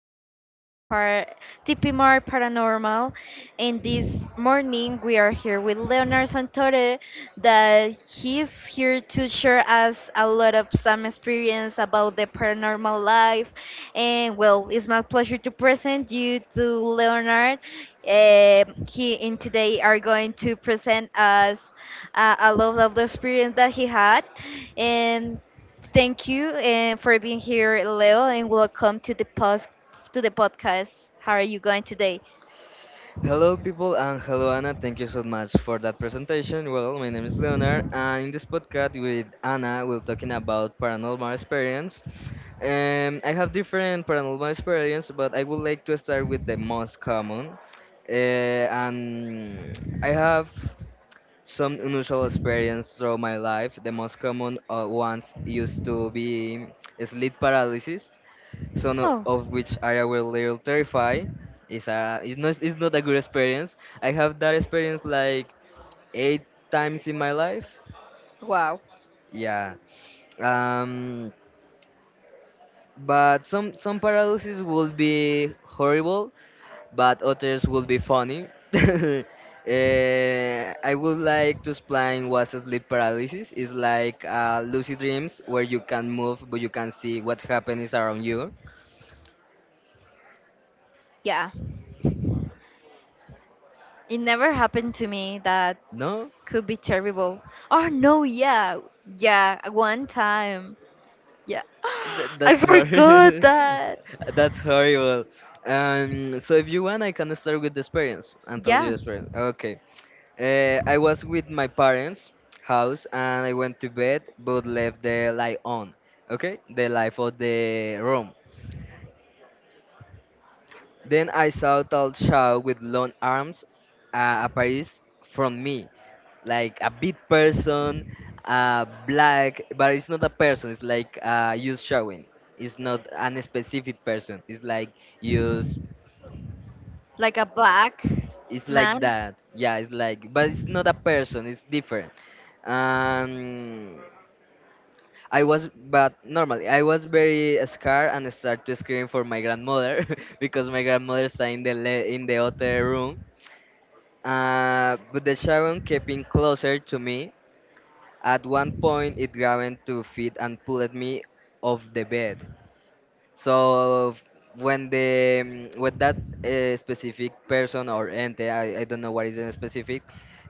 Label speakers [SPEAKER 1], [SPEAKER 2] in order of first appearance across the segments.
[SPEAKER 1] the TP Mar Paranormal, and this morning we are here with Leonard Santore, that he's here to share us a lot of some experience about the paranormal life. And well, it's my pleasure to present you to Leonard. He and today are going to present us I love the experience that he had, and thank you and for being here, Leo, and welcome to the podcast. How are you going today?
[SPEAKER 2] Hello, people, and hello, Anna. Thank you so much for that presentation. Well, my name is Leonard, and in this podcast with Anna, we're talking about paranormal experience. I have different paranormal experience, but I would like to start with the most common. And I have some unusual experience throughout my life. The most common ones used to be sleep paralysis, some o-
[SPEAKER 1] Oh,
[SPEAKER 2] of which are a little terrified. It's not a good experience. I have that experience like 8 times in my life.
[SPEAKER 1] wow.
[SPEAKER 2] Yeah. Um, but some paralysis will be horrible, but others will be funny. I would like to explain what sleep paralysis is, like lucid dreams where you can move but you can see what happens around you.
[SPEAKER 1] Yeah. It never happened to me that
[SPEAKER 2] No?
[SPEAKER 1] could be terrible. Oh no, yeah. Yeah, one time. Yeah.
[SPEAKER 2] Th-
[SPEAKER 1] I
[SPEAKER 2] that's
[SPEAKER 1] forgot
[SPEAKER 2] horrible.
[SPEAKER 1] that.
[SPEAKER 2] That's horrible. So if you want, I can start with the experience and tell you
[SPEAKER 1] Yeah,
[SPEAKER 2] the experience. Okay. I was with my parents' house and I went to bed, but left the light on. Okay, the light of the room. Then I saw a tall child with long arms appears from me. Like a big person, black, but it's not a person. It's like you showing. It's not an specific person. It's like you.
[SPEAKER 1] like a black
[SPEAKER 2] It's like
[SPEAKER 1] man.
[SPEAKER 2] that. Yeah, it's like, but it's not a person. It's different. Um, I was, but normally I was very scared and started screaming for my grandmother because my grandmother stayed in the other room. But the shadow kept in closer to me. At one point, it grabbed to feet and pulled me off the bed. So when that specific person or ente, I don't know what is the specific,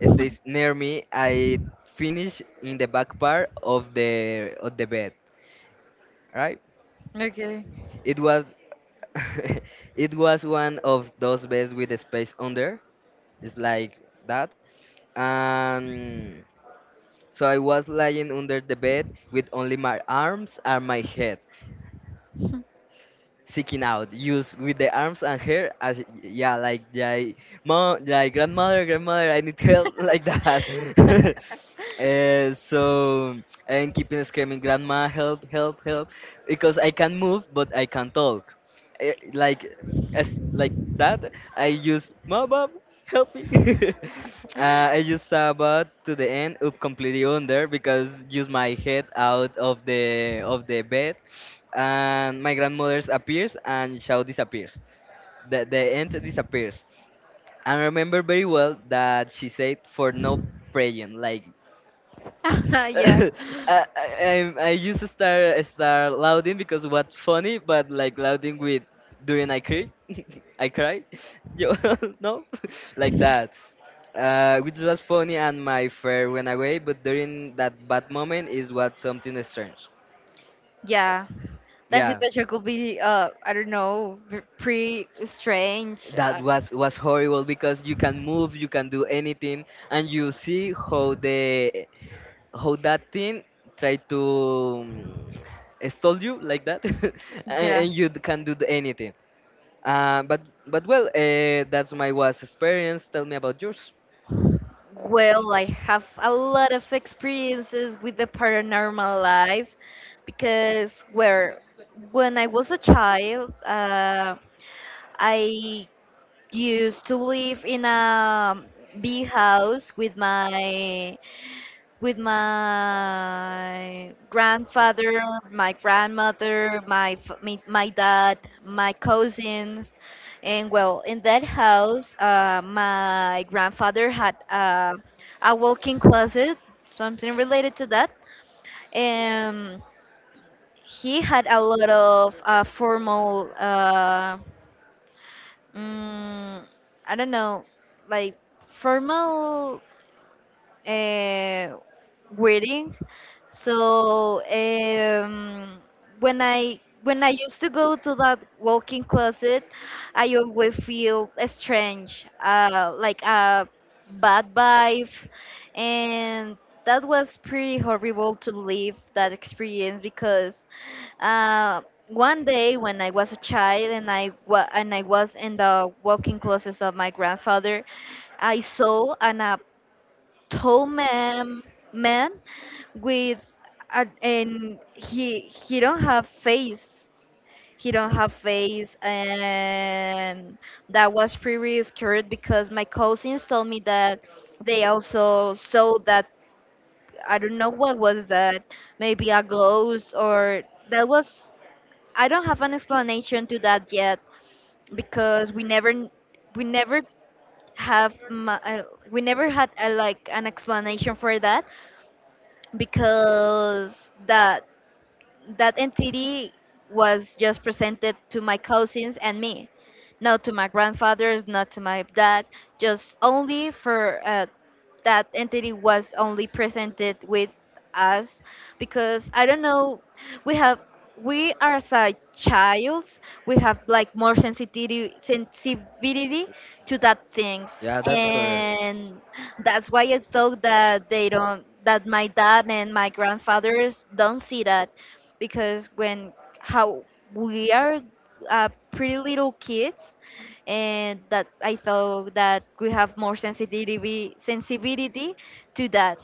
[SPEAKER 2] stays near me, I finish in the back part of the bed. Right?
[SPEAKER 1] Okay.
[SPEAKER 2] It was it was one of those beds with a space under. It's like that. And So I was lying under the bed with only my arms and my head seeking out use with the arms and hair as, yeah, like, yeah, mom, like grandmother, grandmother, I need help. Like that. Uh, so and keeping screaming grandma, help, help, help, because I can move but I can't talk. Like as like that I use mom, mom, help me. I just saw about to the end up completely under because use my head out of the bed, and my grandmother's appears and Shao disappears. The end disappears. And I remember very well that she said for no praying. Like
[SPEAKER 1] yeah.
[SPEAKER 2] I, I, I used to start louding because what's funny, but like louding with during I cry, I cry, Yo no like that. Which was funny and my fear went away, but during that bad moment is what something strange.
[SPEAKER 1] Yeah. That
[SPEAKER 2] Yeah.
[SPEAKER 1] situation could be, I don't know, pretty strange.
[SPEAKER 2] That was horrible because you can move, you can do anything, and you see how the how that thing try to stall you like that, and,
[SPEAKER 1] Yeah.
[SPEAKER 2] and you can do the anything. Uh, but but well, that's my was experience. Tell me about yours.
[SPEAKER 1] Well, I have a lot of experiences with the paranormal life because where when I was a child, I used to live in a big house with my grandfather, my grandmother, me, my dad, my cousins, and well, in that house, my grandfather had a walk-in closet, something related to that, and he had a lot of formal, mm, I don't know, like formal uh, wedding. So when I used to go to that walk-in closet, I always feel strange, like a bad vibe, and that was pretty horrible to live that experience because uh, one day when I was a child and I was in the walk-in closet of my grandfather, I saw a tall man with a, and he don't have face, and that was pretty scared because my cousins told me that they also saw that. I don't know what was that, maybe a ghost or that was, I don't have an explanation to that yet because we never kn- we never have ma- we never had like an explanation for that, because that that entity was just presented to my cousins and me, not to my grandfathers, not to my dad, just only for that entity was only presented with us. Because I don't know, we have we are as a child, we have like more sensitivity to that things.
[SPEAKER 2] Yeah, that's correct.
[SPEAKER 1] And that's why I thought that they don't that my dad and my grandfathers don't see that, because when how we are pretty little kids, and that I thought that we have more sensitivity to that.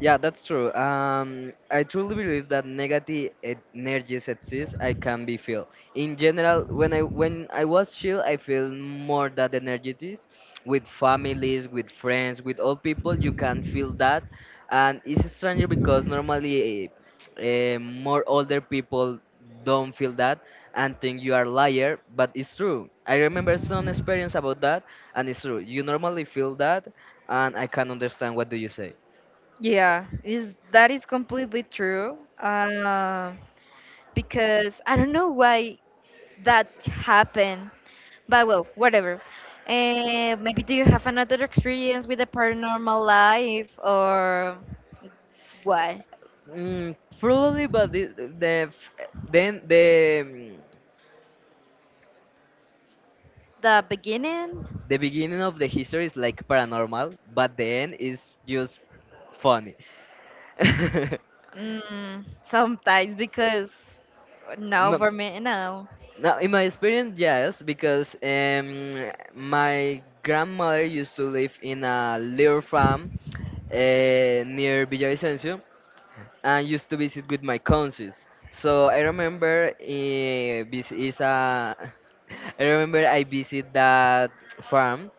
[SPEAKER 2] Yeah, that's true. I truly believe that negative energies exist. I can be feel. In general, when I was chill, I feel more that energies with families, with friends, with all people. You can feel that, and it's stranger because normally more older people don't feel that and think you are liar, but it's true. I remember some experience about that, and it's true. You normally feel that, and I can understand what do you say.
[SPEAKER 1] Yeah, is that is completely true. Because I don't know why that happened. But well, whatever. Maybe do you have another experience with the paranormal life or what?
[SPEAKER 2] Mm, probably, but the f- then the mm,
[SPEAKER 1] The beginning?
[SPEAKER 2] the beginning of the history is like paranormal, but the end is just funny.
[SPEAKER 1] Mm, sometimes because no, for
[SPEAKER 2] M-
[SPEAKER 1] me, no.
[SPEAKER 2] Now, in my experience, yes, because my grandmother used to live in a little farm near Villavicencio and used to visit with my cousins. So I remember this is a I remember I visit that farm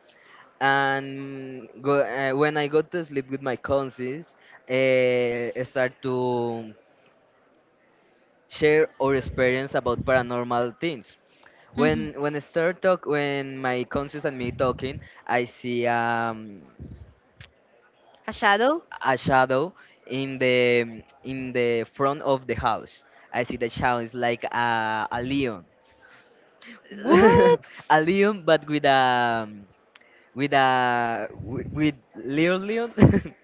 [SPEAKER 2] and go, when I go to sleep with my cousins, start to share our experience about paranormal things.
[SPEAKER 1] Mhm.
[SPEAKER 2] When I start talk, when my cousins and me talking, I see
[SPEAKER 1] A shadow?
[SPEAKER 2] a shadow in the front of the house. I see the shadow is like a lion,
[SPEAKER 1] What?
[SPEAKER 2] a lion, but with little lion.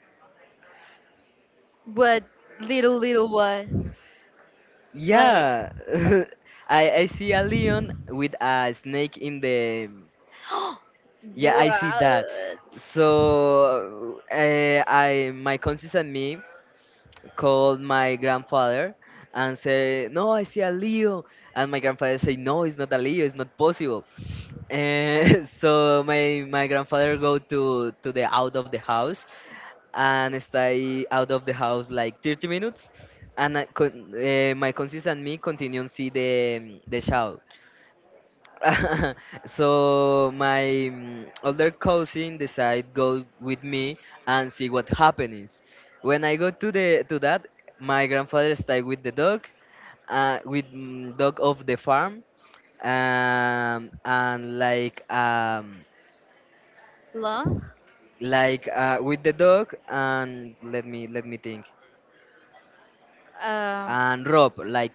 [SPEAKER 1] What? Little, little what? Like,
[SPEAKER 2] Yeah,
[SPEAKER 1] like,
[SPEAKER 2] I see a lion with a snake in the. Yeah, I see
[SPEAKER 1] what?
[SPEAKER 2] that. So I my cousins and me called my grandfather and say, "No, I see a Leo," and my grandfather say, "No, it's not a Leo. It's not possible." And so my grandfather go to the out of the house and stay out of the house like 30 minutes. And my cousins and me continue to see the show. So my older cousin decide go with me and see what happens. When I go to the to that, my grandfather stay with the dog, with dog of the farm, and
[SPEAKER 1] Long?
[SPEAKER 2] like with the dog and let me think
[SPEAKER 1] Um.
[SPEAKER 2] and rob like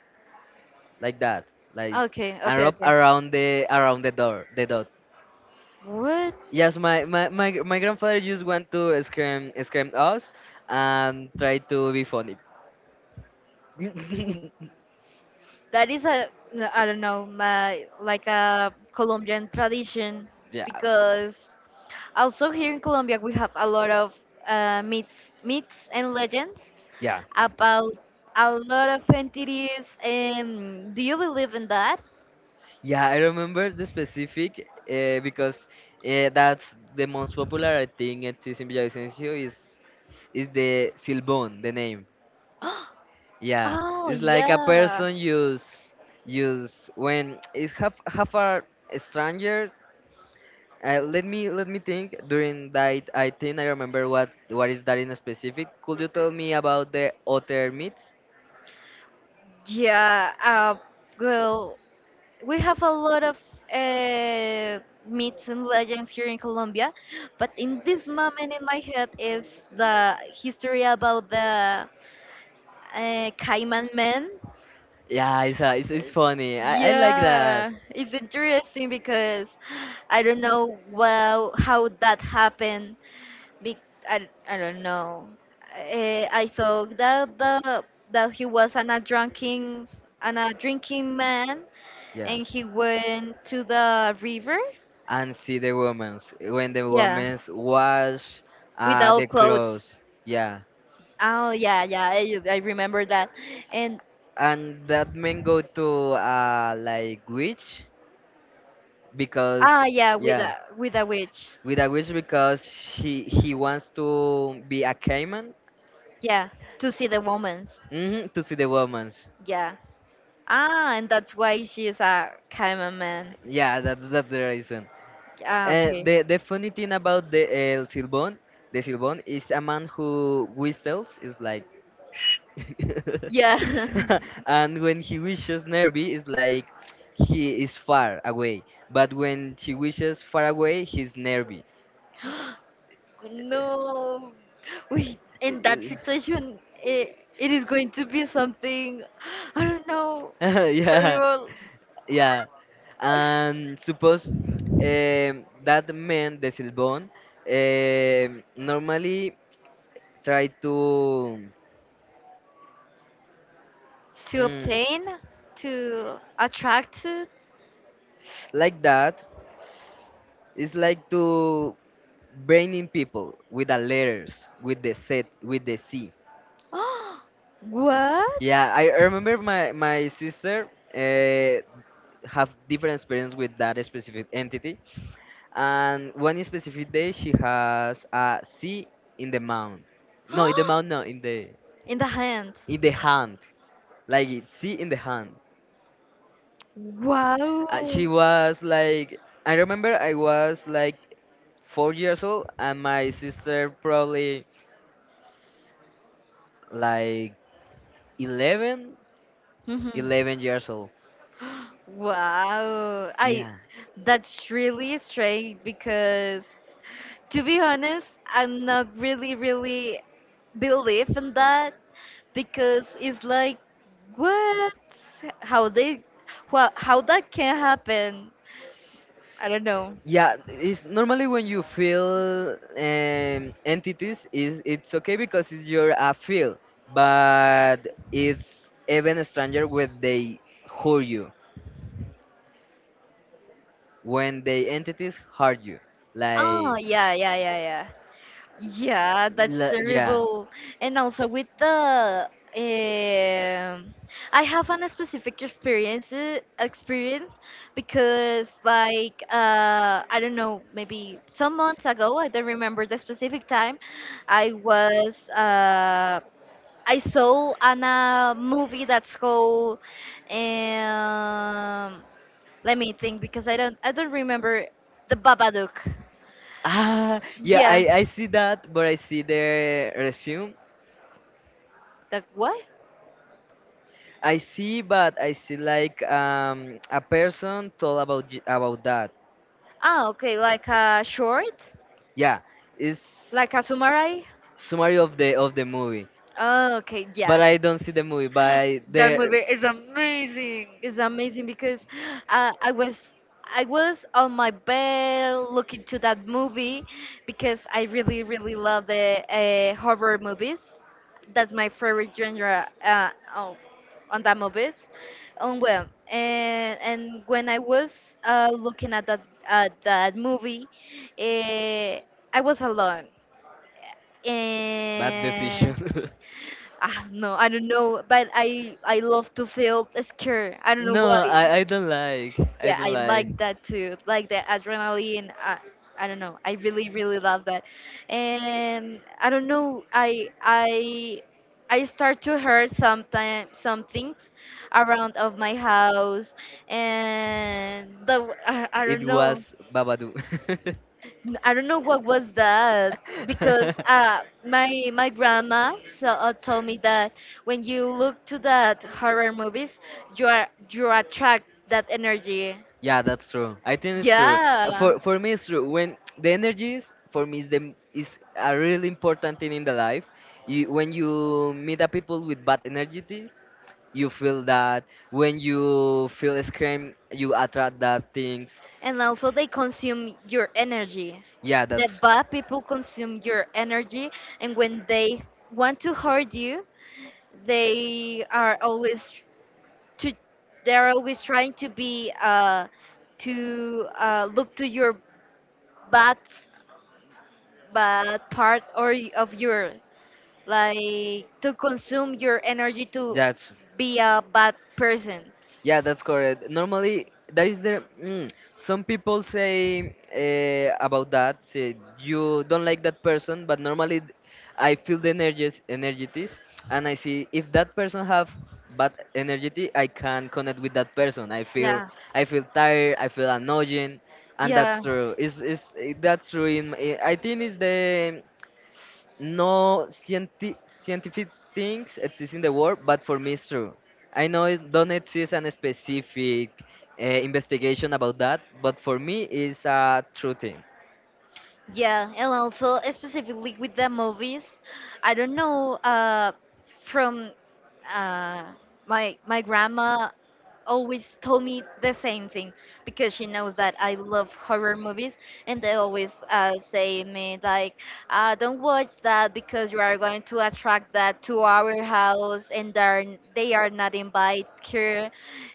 [SPEAKER 2] like that, like
[SPEAKER 1] Okay.
[SPEAKER 2] and
[SPEAKER 1] Okay.
[SPEAKER 2] wrap
[SPEAKER 1] Okay.
[SPEAKER 2] around the door, the dot.
[SPEAKER 1] What?
[SPEAKER 2] Yes, my grandfather just want to scream us and try to be funny.
[SPEAKER 1] That is a, no, I don't know, my like a Colombian tradition,
[SPEAKER 2] Yeah.
[SPEAKER 1] because also here in Colombia we have a lot of myths, myths and legends
[SPEAKER 2] Yeah,
[SPEAKER 1] about a lot of entities. Do you believe in that?
[SPEAKER 2] yeah, I remember the specific because that's the most popular I think it is in Villavicencio is the Silbón, the name. Yeah,
[SPEAKER 1] Oh,
[SPEAKER 2] it's like a
[SPEAKER 1] yeah.
[SPEAKER 2] person use when it's half a stranger. Let me think. During that, I think I remember what is that in specific. Could you tell me about the otter meats?
[SPEAKER 1] Yeah, well, we have a lot of uh, myths and legends here in Colombia, but in this moment in my head is the history about the Cayman Man.
[SPEAKER 2] Yeah, it's funny. I like that.
[SPEAKER 1] Yeah, it's interesting because I don't know well how that happened. Big, I don't know. I thought that the that he was an a drinking man,
[SPEAKER 2] Yeah.
[SPEAKER 1] and he went to the river.
[SPEAKER 2] And see the women's when the
[SPEAKER 1] Yeah,
[SPEAKER 2] women's wash the
[SPEAKER 1] without clothes.
[SPEAKER 2] clothes. Yeah.
[SPEAKER 1] Oh yeah, yeah. I remember that. And
[SPEAKER 2] And that men go to like witch because
[SPEAKER 1] ah yeah,
[SPEAKER 2] yeah
[SPEAKER 1] with a witch.
[SPEAKER 2] with a witch because she he wants to be a caiman,
[SPEAKER 1] Yeah, to see the woman's.
[SPEAKER 2] mhm, to see the women's.
[SPEAKER 1] Yeah. Ah, and that's why she's a cameraman. Man.
[SPEAKER 2] Yeah, that's the reason.
[SPEAKER 1] Ah,
[SPEAKER 2] Uh,
[SPEAKER 1] okay.
[SPEAKER 2] the the funny thing about the El Silbón, the Silbón is a man who whistles. Is like,
[SPEAKER 1] Yeah.
[SPEAKER 2] and when he wishes Nervi, is like he is far away. But when she wishes far away, he's Nervi.
[SPEAKER 1] No. Wait,
[SPEAKER 2] Uh,
[SPEAKER 1] in that situation, it is going to be something, I don't know,
[SPEAKER 2] yeah,
[SPEAKER 1] terrible.
[SPEAKER 2] yeah. And suppose that man, the Silbón, normally try to.
[SPEAKER 1] To
[SPEAKER 2] mm,
[SPEAKER 1] obtain, to attract it.
[SPEAKER 2] like that is like to braining people with the letters with the set with the c. Yeah, I remember my sister uh, have different experience with that specific entity, and one specific day she has a c in the mouth, no in the
[SPEAKER 1] What?
[SPEAKER 2] mouth, no in the
[SPEAKER 1] In the hand.
[SPEAKER 2] in the hand, like it c in the hand.
[SPEAKER 1] Wow.
[SPEAKER 2] And she was like, I remember I was like 4 years old, and my sister probably like 11,
[SPEAKER 1] Mhm.
[SPEAKER 2] 11 years old.
[SPEAKER 1] Wow. I,
[SPEAKER 2] Yeah.
[SPEAKER 1] that's really strange because, to be honest, I'm not really believe in that, because it's like what, how they, wha how that can happen. I don't know.
[SPEAKER 2] Yeah, it's normally when you feel entities is it's okay because it's your feel, but it's even stranger when they hurt you, when the entities hurt you
[SPEAKER 1] Oh,
[SPEAKER 2] like.
[SPEAKER 1] yeah, yeah, yeah, yeah. Yeah, that's
[SPEAKER 2] Yeah.
[SPEAKER 1] terrible. And also with the um, I have an specific experience, because like uh, I don't know, maybe some months ago, I don't remember the specific time, I was I saw an movie that's called um, let me think because I don't remember, the Babadook.
[SPEAKER 2] Ah, yeah,
[SPEAKER 1] Yeah.
[SPEAKER 2] I see that, but I see the resume.
[SPEAKER 1] The what?
[SPEAKER 2] I see, but I see like a person told about about that.
[SPEAKER 1] Ah, okay, like a short,
[SPEAKER 2] Yeah, it's
[SPEAKER 1] like a summary.
[SPEAKER 2] summary of the movie.
[SPEAKER 1] Oh, okay,
[SPEAKER 2] But
[SPEAKER 1] yeah.
[SPEAKER 2] I don't see the movie. But
[SPEAKER 1] That
[SPEAKER 2] the
[SPEAKER 1] movie is amazing. It's amazing because uh, I was I was on my bed looking to that movie because I really love the horror movies. That's my favorite genre on, on that movies. Well, and when I was looking at that movie, uh, I was alone
[SPEAKER 2] bad decision.
[SPEAKER 1] and, ah no, I don't know, but I love to feel scared. I don't know
[SPEAKER 2] No,
[SPEAKER 1] why.
[SPEAKER 2] I don't like. I
[SPEAKER 1] Yeah,
[SPEAKER 2] don't
[SPEAKER 1] I
[SPEAKER 2] like.
[SPEAKER 1] like that too, like the adrenaline. I don't know. I really love that, and I don't know. I start to hurt sometime some things around of my house, and the I
[SPEAKER 2] It
[SPEAKER 1] don't know.
[SPEAKER 2] was Babadu.
[SPEAKER 1] I don't know what was that, because my grandma so, told me that when you look to that horror movies, you attract that energy.
[SPEAKER 2] Yeah, that's true. I think it's true. Uh,
[SPEAKER 1] Yeah,
[SPEAKER 2] For for me, it's true. When the energies for me is a really important thing in the life. You, when you meet a people with bad energy, you feel that. When you feel scream, you attract that things.
[SPEAKER 1] and also they consume your energy.
[SPEAKER 2] Yeah,
[SPEAKER 1] The
[SPEAKER 2] that's
[SPEAKER 1] bad people consume your energy, and when they want to hurt you, they are always to, they are always trying to be to look to your bad but part or of your, like to consume your energy to
[SPEAKER 2] that's
[SPEAKER 1] be a bad person.
[SPEAKER 2] Yeah, that's correct. Normally, that is some people say about that. Say you don't like that person, but normally I feel the energies, energies, and I see if that person have bad energy, I can connect with that person.
[SPEAKER 1] Yeah,
[SPEAKER 2] I feel tired. I feel annoying, and that's
[SPEAKER 1] yeah,
[SPEAKER 2] true. Is that's true. I think it's the no scientific things exist in the world, but for me it's true. I know it don't exist a specific investigation about that, but for me it's a true thing.
[SPEAKER 1] yeah. And also specifically with the movies, I don't know. From uh, my grandma always told me the same thing because she knows that I love horror movies, and they always say me like, don't watch that because you are going to attract that to our house, and they are not invited here.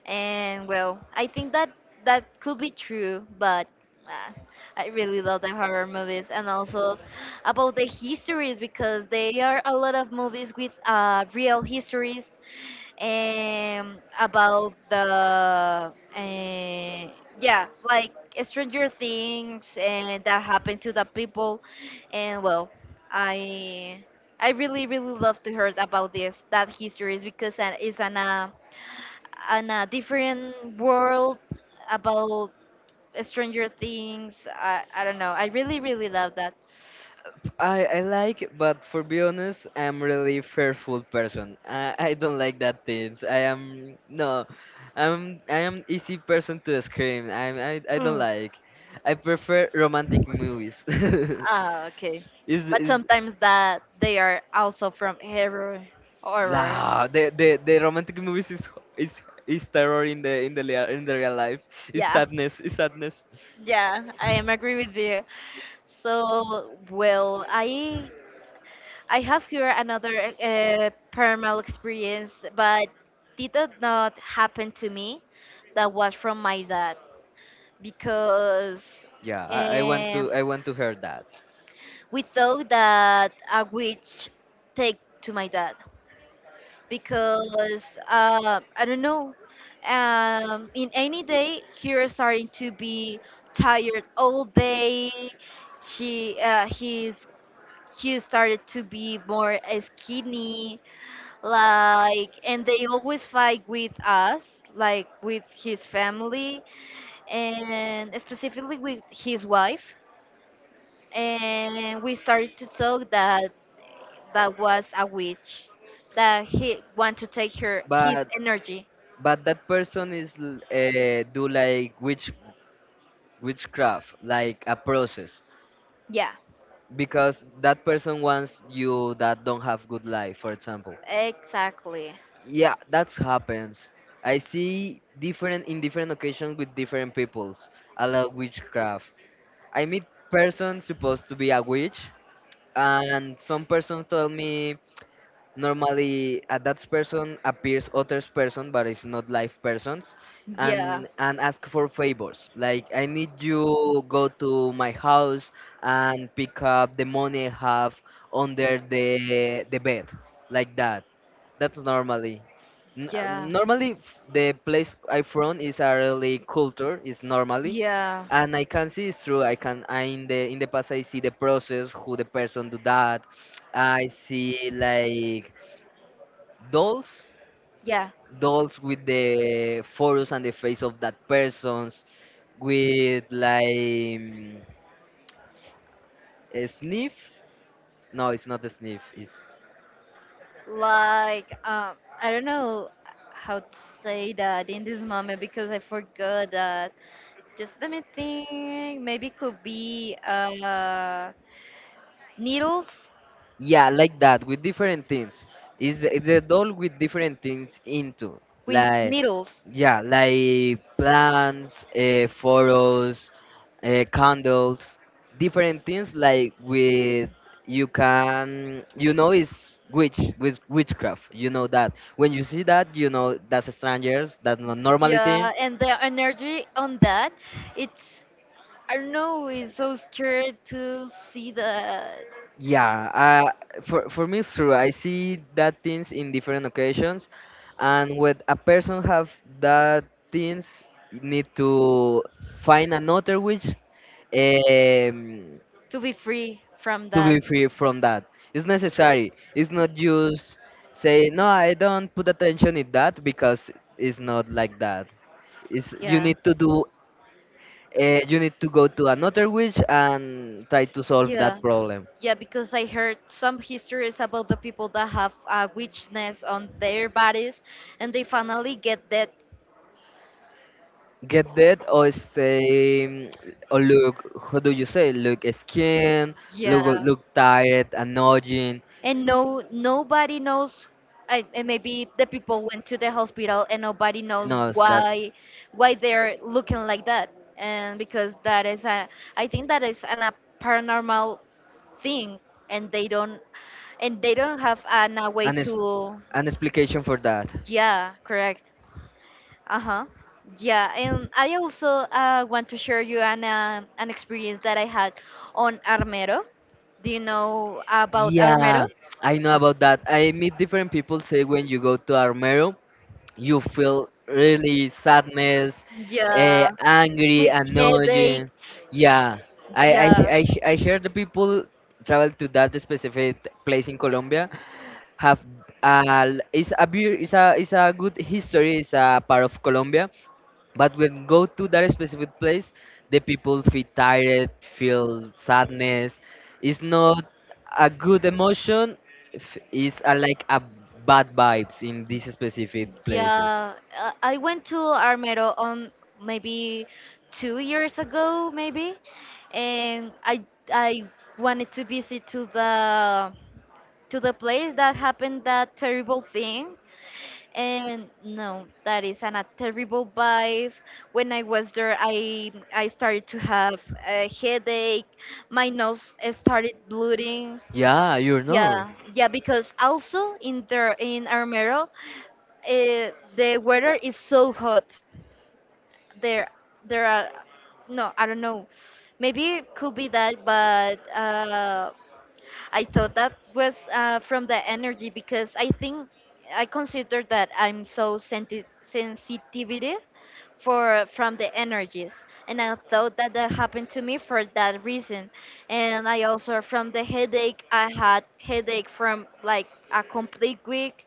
[SPEAKER 1] And well, I think that that could be true, but uh, I really love the horror movies, and also about the histories, because they are a lot of movies with real histories um, about the yeah, like stranger things and that happened to the people. And well, i I really love to hear about this that histories, because that is an a different world about stranger things. I don't know, I really love that.
[SPEAKER 2] I like, it, but for be honest, I'm really fearful person. I don't like that things. I am no, I am easy person to scream. I don't
[SPEAKER 1] Mm.
[SPEAKER 2] like. I prefer romantic movies.
[SPEAKER 1] Ah, okay,
[SPEAKER 2] is
[SPEAKER 1] but
[SPEAKER 2] is
[SPEAKER 1] sometimes that they are also from horror, horror.
[SPEAKER 2] Nah, the romantic movies is is terror in the in the real life. Is
[SPEAKER 1] Yeah.
[SPEAKER 2] sadness, is sadness.
[SPEAKER 1] Yeah, I am agree with you. So, well, I have here another paranormal experience, but it did not happen to me. That was from my dad, because
[SPEAKER 2] Yeah, I, I want
[SPEAKER 1] uh,
[SPEAKER 2] to I want to hear that.
[SPEAKER 1] we thought that a witch take to my dad, because I don't know. In any day, he was starting to be tired all day, she he's he started to be more skinny, like, and they always fight with us like with his family, and specifically with his wife. And we started to talk that that was a witch that he want to take her his
[SPEAKER 2] But
[SPEAKER 1] energy.
[SPEAKER 2] but that person is do like witchcraft, like a process,
[SPEAKER 1] Yeah,
[SPEAKER 2] because that person wants you that don't have good life, for example.
[SPEAKER 1] exactly.
[SPEAKER 2] Yeah, that happens. I see different in different occasions with different peoples allow witchcraft. I meet persons supposed to be a witch, and some persons tell me normally a that person appears others person but it's not live persons
[SPEAKER 1] Yeah.
[SPEAKER 2] and ask for favors like I need you go to my house and pick up the money I have under the bed, like that. That's normally
[SPEAKER 1] Yeah.
[SPEAKER 2] the place I from is a really culture is normally.
[SPEAKER 1] Yeah.
[SPEAKER 2] And I can see it's true. I can I In the past I see the process who the person do that. I see like dolls,
[SPEAKER 1] Yeah.
[SPEAKER 2] dolls with the photos and the face of that persons, with like a sniff. No, it's not a sniff, it's…
[SPEAKER 1] Like, I don't know how to say that in this moment because I forgot that. Just let me think. Maybe it could be needles,
[SPEAKER 2] Yeah, like that, with different things. Is the doll with different things into,
[SPEAKER 1] with
[SPEAKER 2] like,
[SPEAKER 1] needles.
[SPEAKER 2] yeah, like plants, photos, candles, different things like with, you can, you know it's witch with witchcraft. You know that when you see that you know that's strangers. That's not normally thing.
[SPEAKER 1] Yeah, and the energy on that, it's, I don't know, it's so scared to see the,
[SPEAKER 2] Yeah, for me it's true. I see that things in different occasions, and when a person have that things, you need to find another which, um,
[SPEAKER 1] to be free from
[SPEAKER 2] to
[SPEAKER 1] that.
[SPEAKER 2] be free from that. It's necessary. It's not just say no. I don't put attention in that because it's not like that. It's you
[SPEAKER 1] Yeah.
[SPEAKER 2] need to do. You need to go to another witch and try to solve
[SPEAKER 1] Yeah.
[SPEAKER 2] that problem.
[SPEAKER 1] Yeah, because I heard some histories about the people that have a witchness on their bodies, and they finally get that.
[SPEAKER 2] Get that or say or look, how do you say, look skin, look,
[SPEAKER 1] Yeah.
[SPEAKER 2] tired, annoying.
[SPEAKER 1] And no, nobody knows, and maybe the people went to the hospital and nobody knows
[SPEAKER 2] No, it's- that's
[SPEAKER 1] why they're looking like that. And because that is a, I think that is an, a paranormal thing, and they don't, and they don't have an, a way
[SPEAKER 2] an,
[SPEAKER 1] to,
[SPEAKER 2] an explication for that.
[SPEAKER 1] yeah, correct. Uh-huh. Yeah, and I also want to share you an experience that I had on Armero. Do you know about Armero?
[SPEAKER 2] Yeah, I know about that. I meet different people say when you go to Armero you feel really sadness,
[SPEAKER 1] Yeah.
[SPEAKER 2] angry,
[SPEAKER 1] With
[SPEAKER 2] annoyed.
[SPEAKER 1] headaches.
[SPEAKER 2] Yeah, I I
[SPEAKER 1] Yeah,
[SPEAKER 2] I I hear the people travel to that specific place in Colombia have, it's a it's a good history. It's a part of Colombia, but when go to that specific place, the people feel tired, feel sadness. It's not a good emotion. It's a, like a bad vibes in these specific places.
[SPEAKER 1] yeah. I went to Armero on maybe 2 years ago, maybe, and I wanted to visit to the, to the place that happened that terrible thing. And no, that is an, a terrible vibe. When I was there, I started to have a headache. My nose started bleeding.
[SPEAKER 2] Yeah, you're not.
[SPEAKER 1] Yeah, yeah, because also in there in Armero, the weather is so hot. There, there are, no, I don't know. Maybe it could be that, but I thought that was from the energy, because I think I consider that I'm so sensitivity for, from the energies, and I thought that that happened to me for that reason. And I also from the headache, I had headache from like a complete week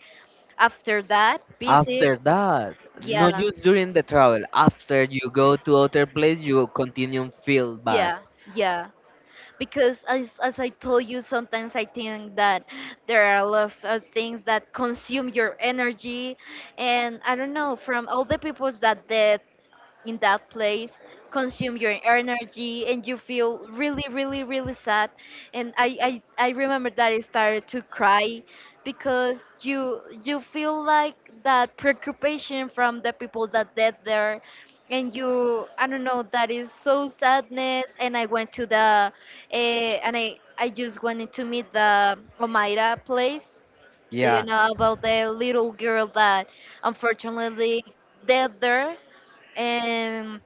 [SPEAKER 1] after that
[SPEAKER 2] After
[SPEAKER 1] visit.
[SPEAKER 2] that, not
[SPEAKER 1] Yeah,
[SPEAKER 2] just during the travel. After you go to other place, you continue feel bad.
[SPEAKER 1] yeah, yeah. Because as I told you, sometimes I think that there are a lot of things that consume your energy, and I don't know, from all the people that did in that place, consume your energy and you feel really, really, really sad. And I remember that I started to cry because you feel like that preoccupation from the people that dead there. And you, I don't know, that is so sadness. And I went to the and I just wanted to meet the Omaira place. Do you
[SPEAKER 2] Yeah,
[SPEAKER 1] know about the little girl that unfortunately dead there? And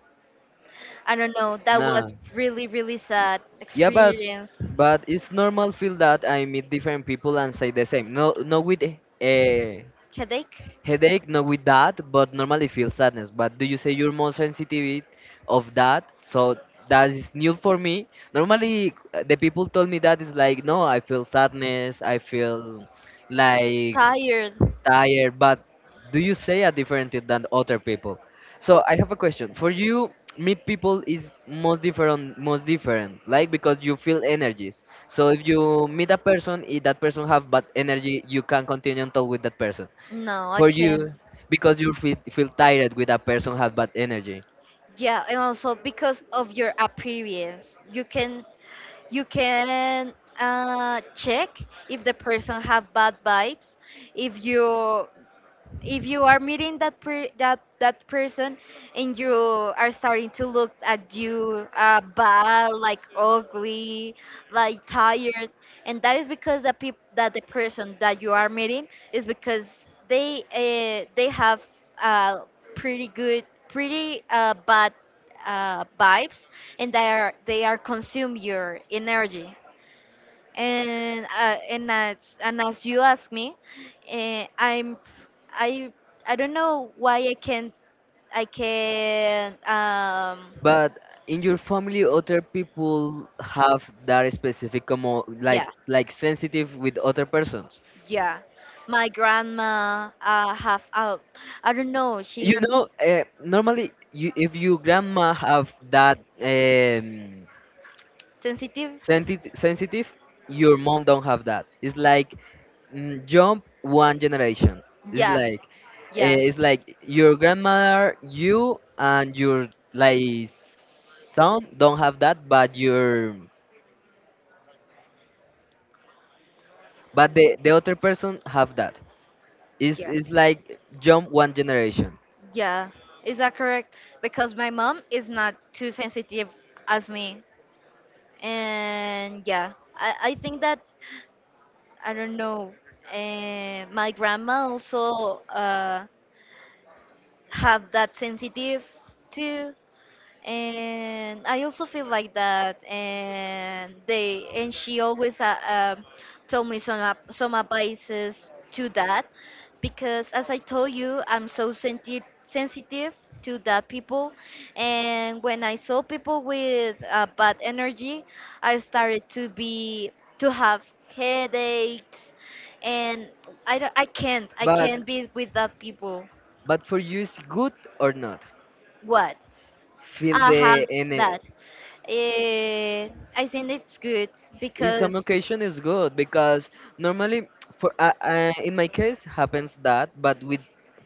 [SPEAKER 1] I don't know, that
[SPEAKER 2] nah.
[SPEAKER 1] was really, really sad
[SPEAKER 2] Yeah, but
[SPEAKER 1] experience.
[SPEAKER 2] it's normal feel that. I meet different people and say the same. No, not with a
[SPEAKER 1] Headache?
[SPEAKER 2] headache, not with that, but normally feel sadness. But do you say you're more sensitive of that? So that is new for me. Normally, the people told me that is like, no, I feel sadness. I feel like
[SPEAKER 1] Tired?
[SPEAKER 2] tired, but do you say a different thing than other people? So I have a question for you. Meet people is most different, like because you feel energies. So if you meet a person, if that person have bad energy, you can continue and talk with that person.
[SPEAKER 1] No, I
[SPEAKER 2] For
[SPEAKER 1] can't.
[SPEAKER 2] you, because you feel, tired with a person have bad energy.
[SPEAKER 1] Yeah, and also because of your appearance, you can check if the person have bad vibes, if you, if you are meeting that person and you are starting to look at you bad, like ugly, like tired. And that is because the person that you are meeting, is because they have uh, pretty good, pretty bad, vibes, and they are consume your energy. And as you ask me, I'm, I I don't know why I can't. I can
[SPEAKER 2] But in your family, other people have that specific, como,
[SPEAKER 1] yeah,
[SPEAKER 2] like sensitive with other persons.
[SPEAKER 1] yeah, my grandma have, I don't know,
[SPEAKER 2] You
[SPEAKER 1] she's
[SPEAKER 2] know, normally, you, if your grandma have that
[SPEAKER 1] sensitive.
[SPEAKER 2] sensitive, your mom don't have that. It's like jump one generation. It's
[SPEAKER 1] Yeah,
[SPEAKER 2] like
[SPEAKER 1] yeah,
[SPEAKER 2] it's like your grandmother, you and your like son don't have that, but your, but the other person have that. It's
[SPEAKER 1] yeah,
[SPEAKER 2] it's like jump one generation.
[SPEAKER 1] yeah, is that correct? Because my mom is not too sensitive as me. And yeah, I think that I don't know. My grandma also have that sensitive too, and I also feel like that. And they, and she always told me some advices to that because, as I told you, I'm so sensitive to that people. And when I saw people with bad energy, I started to be, to have headaches. And I can't I
[SPEAKER 2] But
[SPEAKER 1] can't be with that people.
[SPEAKER 2] for you it's good or not?
[SPEAKER 1] What?
[SPEAKER 2] Feel
[SPEAKER 1] I have
[SPEAKER 2] the ener,
[SPEAKER 1] that. Eh, I think it's good
[SPEAKER 2] in some
[SPEAKER 1] because,
[SPEAKER 2] occasion is good because normally for in my case happens that, but with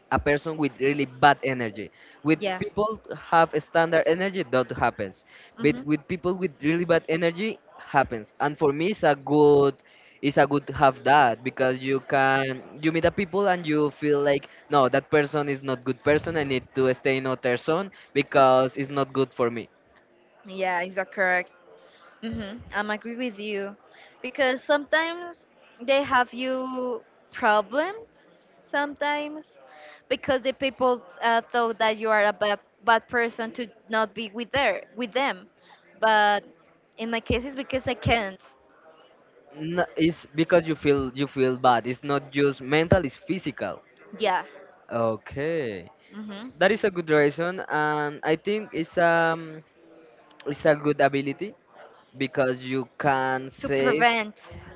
[SPEAKER 2] a person with really bad energy, with
[SPEAKER 1] yeah,
[SPEAKER 2] people have a standard energy that happens, but
[SPEAKER 1] hmm,
[SPEAKER 2] with people with really bad energy happens, and for me it's a good, it's a good to have that because you meet the people and you feel like no, that person is not good person, I need to stay in other zone because it's not good for me.
[SPEAKER 1] yeah, is that correct? Mm-hmm. I'm agree with you because sometimes they have you problems sometimes because the people thought that you are a bad, bad person to not be with there with them. But in my case, it's because I can't.
[SPEAKER 2] No, it's because you feel, bad. It's not just mental, it's physical.
[SPEAKER 1] Yeah.
[SPEAKER 2] Okay.
[SPEAKER 1] Mm-hmm.
[SPEAKER 2] That is a good reason, and I think it's a good ability because you can
[SPEAKER 1] To
[SPEAKER 2] save,
[SPEAKER 1] prevent.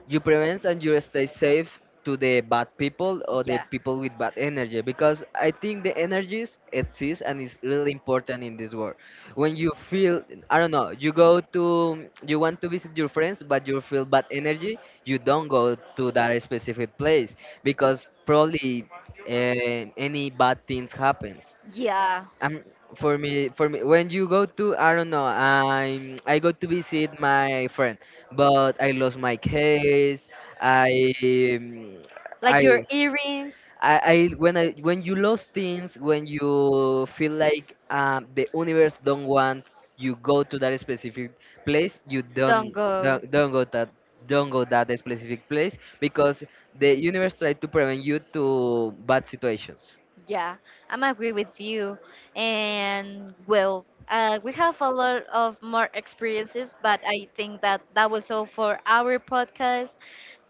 [SPEAKER 2] you prevent and you stay safe to the bad people or the
[SPEAKER 1] Yeah.
[SPEAKER 2] people with bad energy, because I think the energies exist and is really important in this world. When you feel, I don't know, you go to, you want to visit your friends but you feel bad energy, you don't go to that specific place because probably, any bad things happens.
[SPEAKER 1] Yeah.
[SPEAKER 2] um, for me, when you go to, I don't know, I'm, I go to visit my friend, but I lost my case. I, um,
[SPEAKER 1] Like your
[SPEAKER 2] I,
[SPEAKER 1] earrings.
[SPEAKER 2] I, when you lose things, when you feel like the universe don't want you go to that specific place, you
[SPEAKER 1] Don't
[SPEAKER 2] don't,
[SPEAKER 1] go.
[SPEAKER 2] don't, don't go that, don't go that specific place because the universe try to prevent you to bad situations.
[SPEAKER 1] Yeah, I'm agree with you. And well, we have a lot of more experiences, but I think that that was all for our podcast.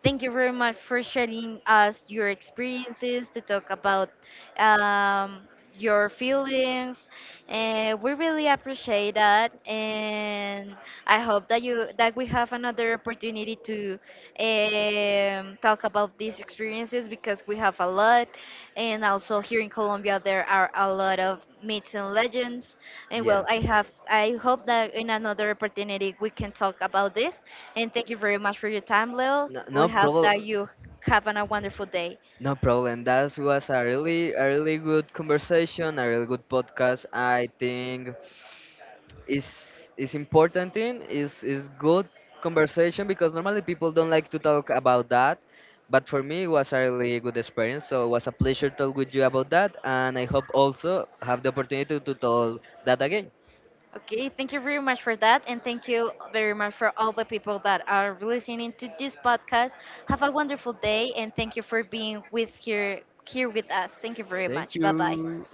[SPEAKER 1] Thank you very much for sharing us your experiences, to talk about um, your feelings. We really appreciate that, and I hope that you that we have another opportunity to talk about these experiences because we have a lot. And also here in Colombia there are a lot of myths and legends. And
[SPEAKER 2] Yeah.
[SPEAKER 1] well, I hope that in another opportunity we can talk about this. And thank you very much for your time, Leo.
[SPEAKER 2] No, no
[SPEAKER 1] We hope that
[SPEAKER 2] problem.
[SPEAKER 1] you have a wonderful day.
[SPEAKER 2] No problem. That was a really good conversation, a really good podcast. I think it's important thing. It's good conversation because normally people don't like to talk about that, but for me it was a really good experience. So it was a pleasure to talk with you about that, and I hope also have the opportunity to talk that again.
[SPEAKER 1] Okay, thank you very much for that. And thank you very much for all the people that are listening to this podcast. Have a wonderful day, and thank you for being with here with us. Thank you very
[SPEAKER 2] Thank
[SPEAKER 1] much. Bye bye.
[SPEAKER 2] you.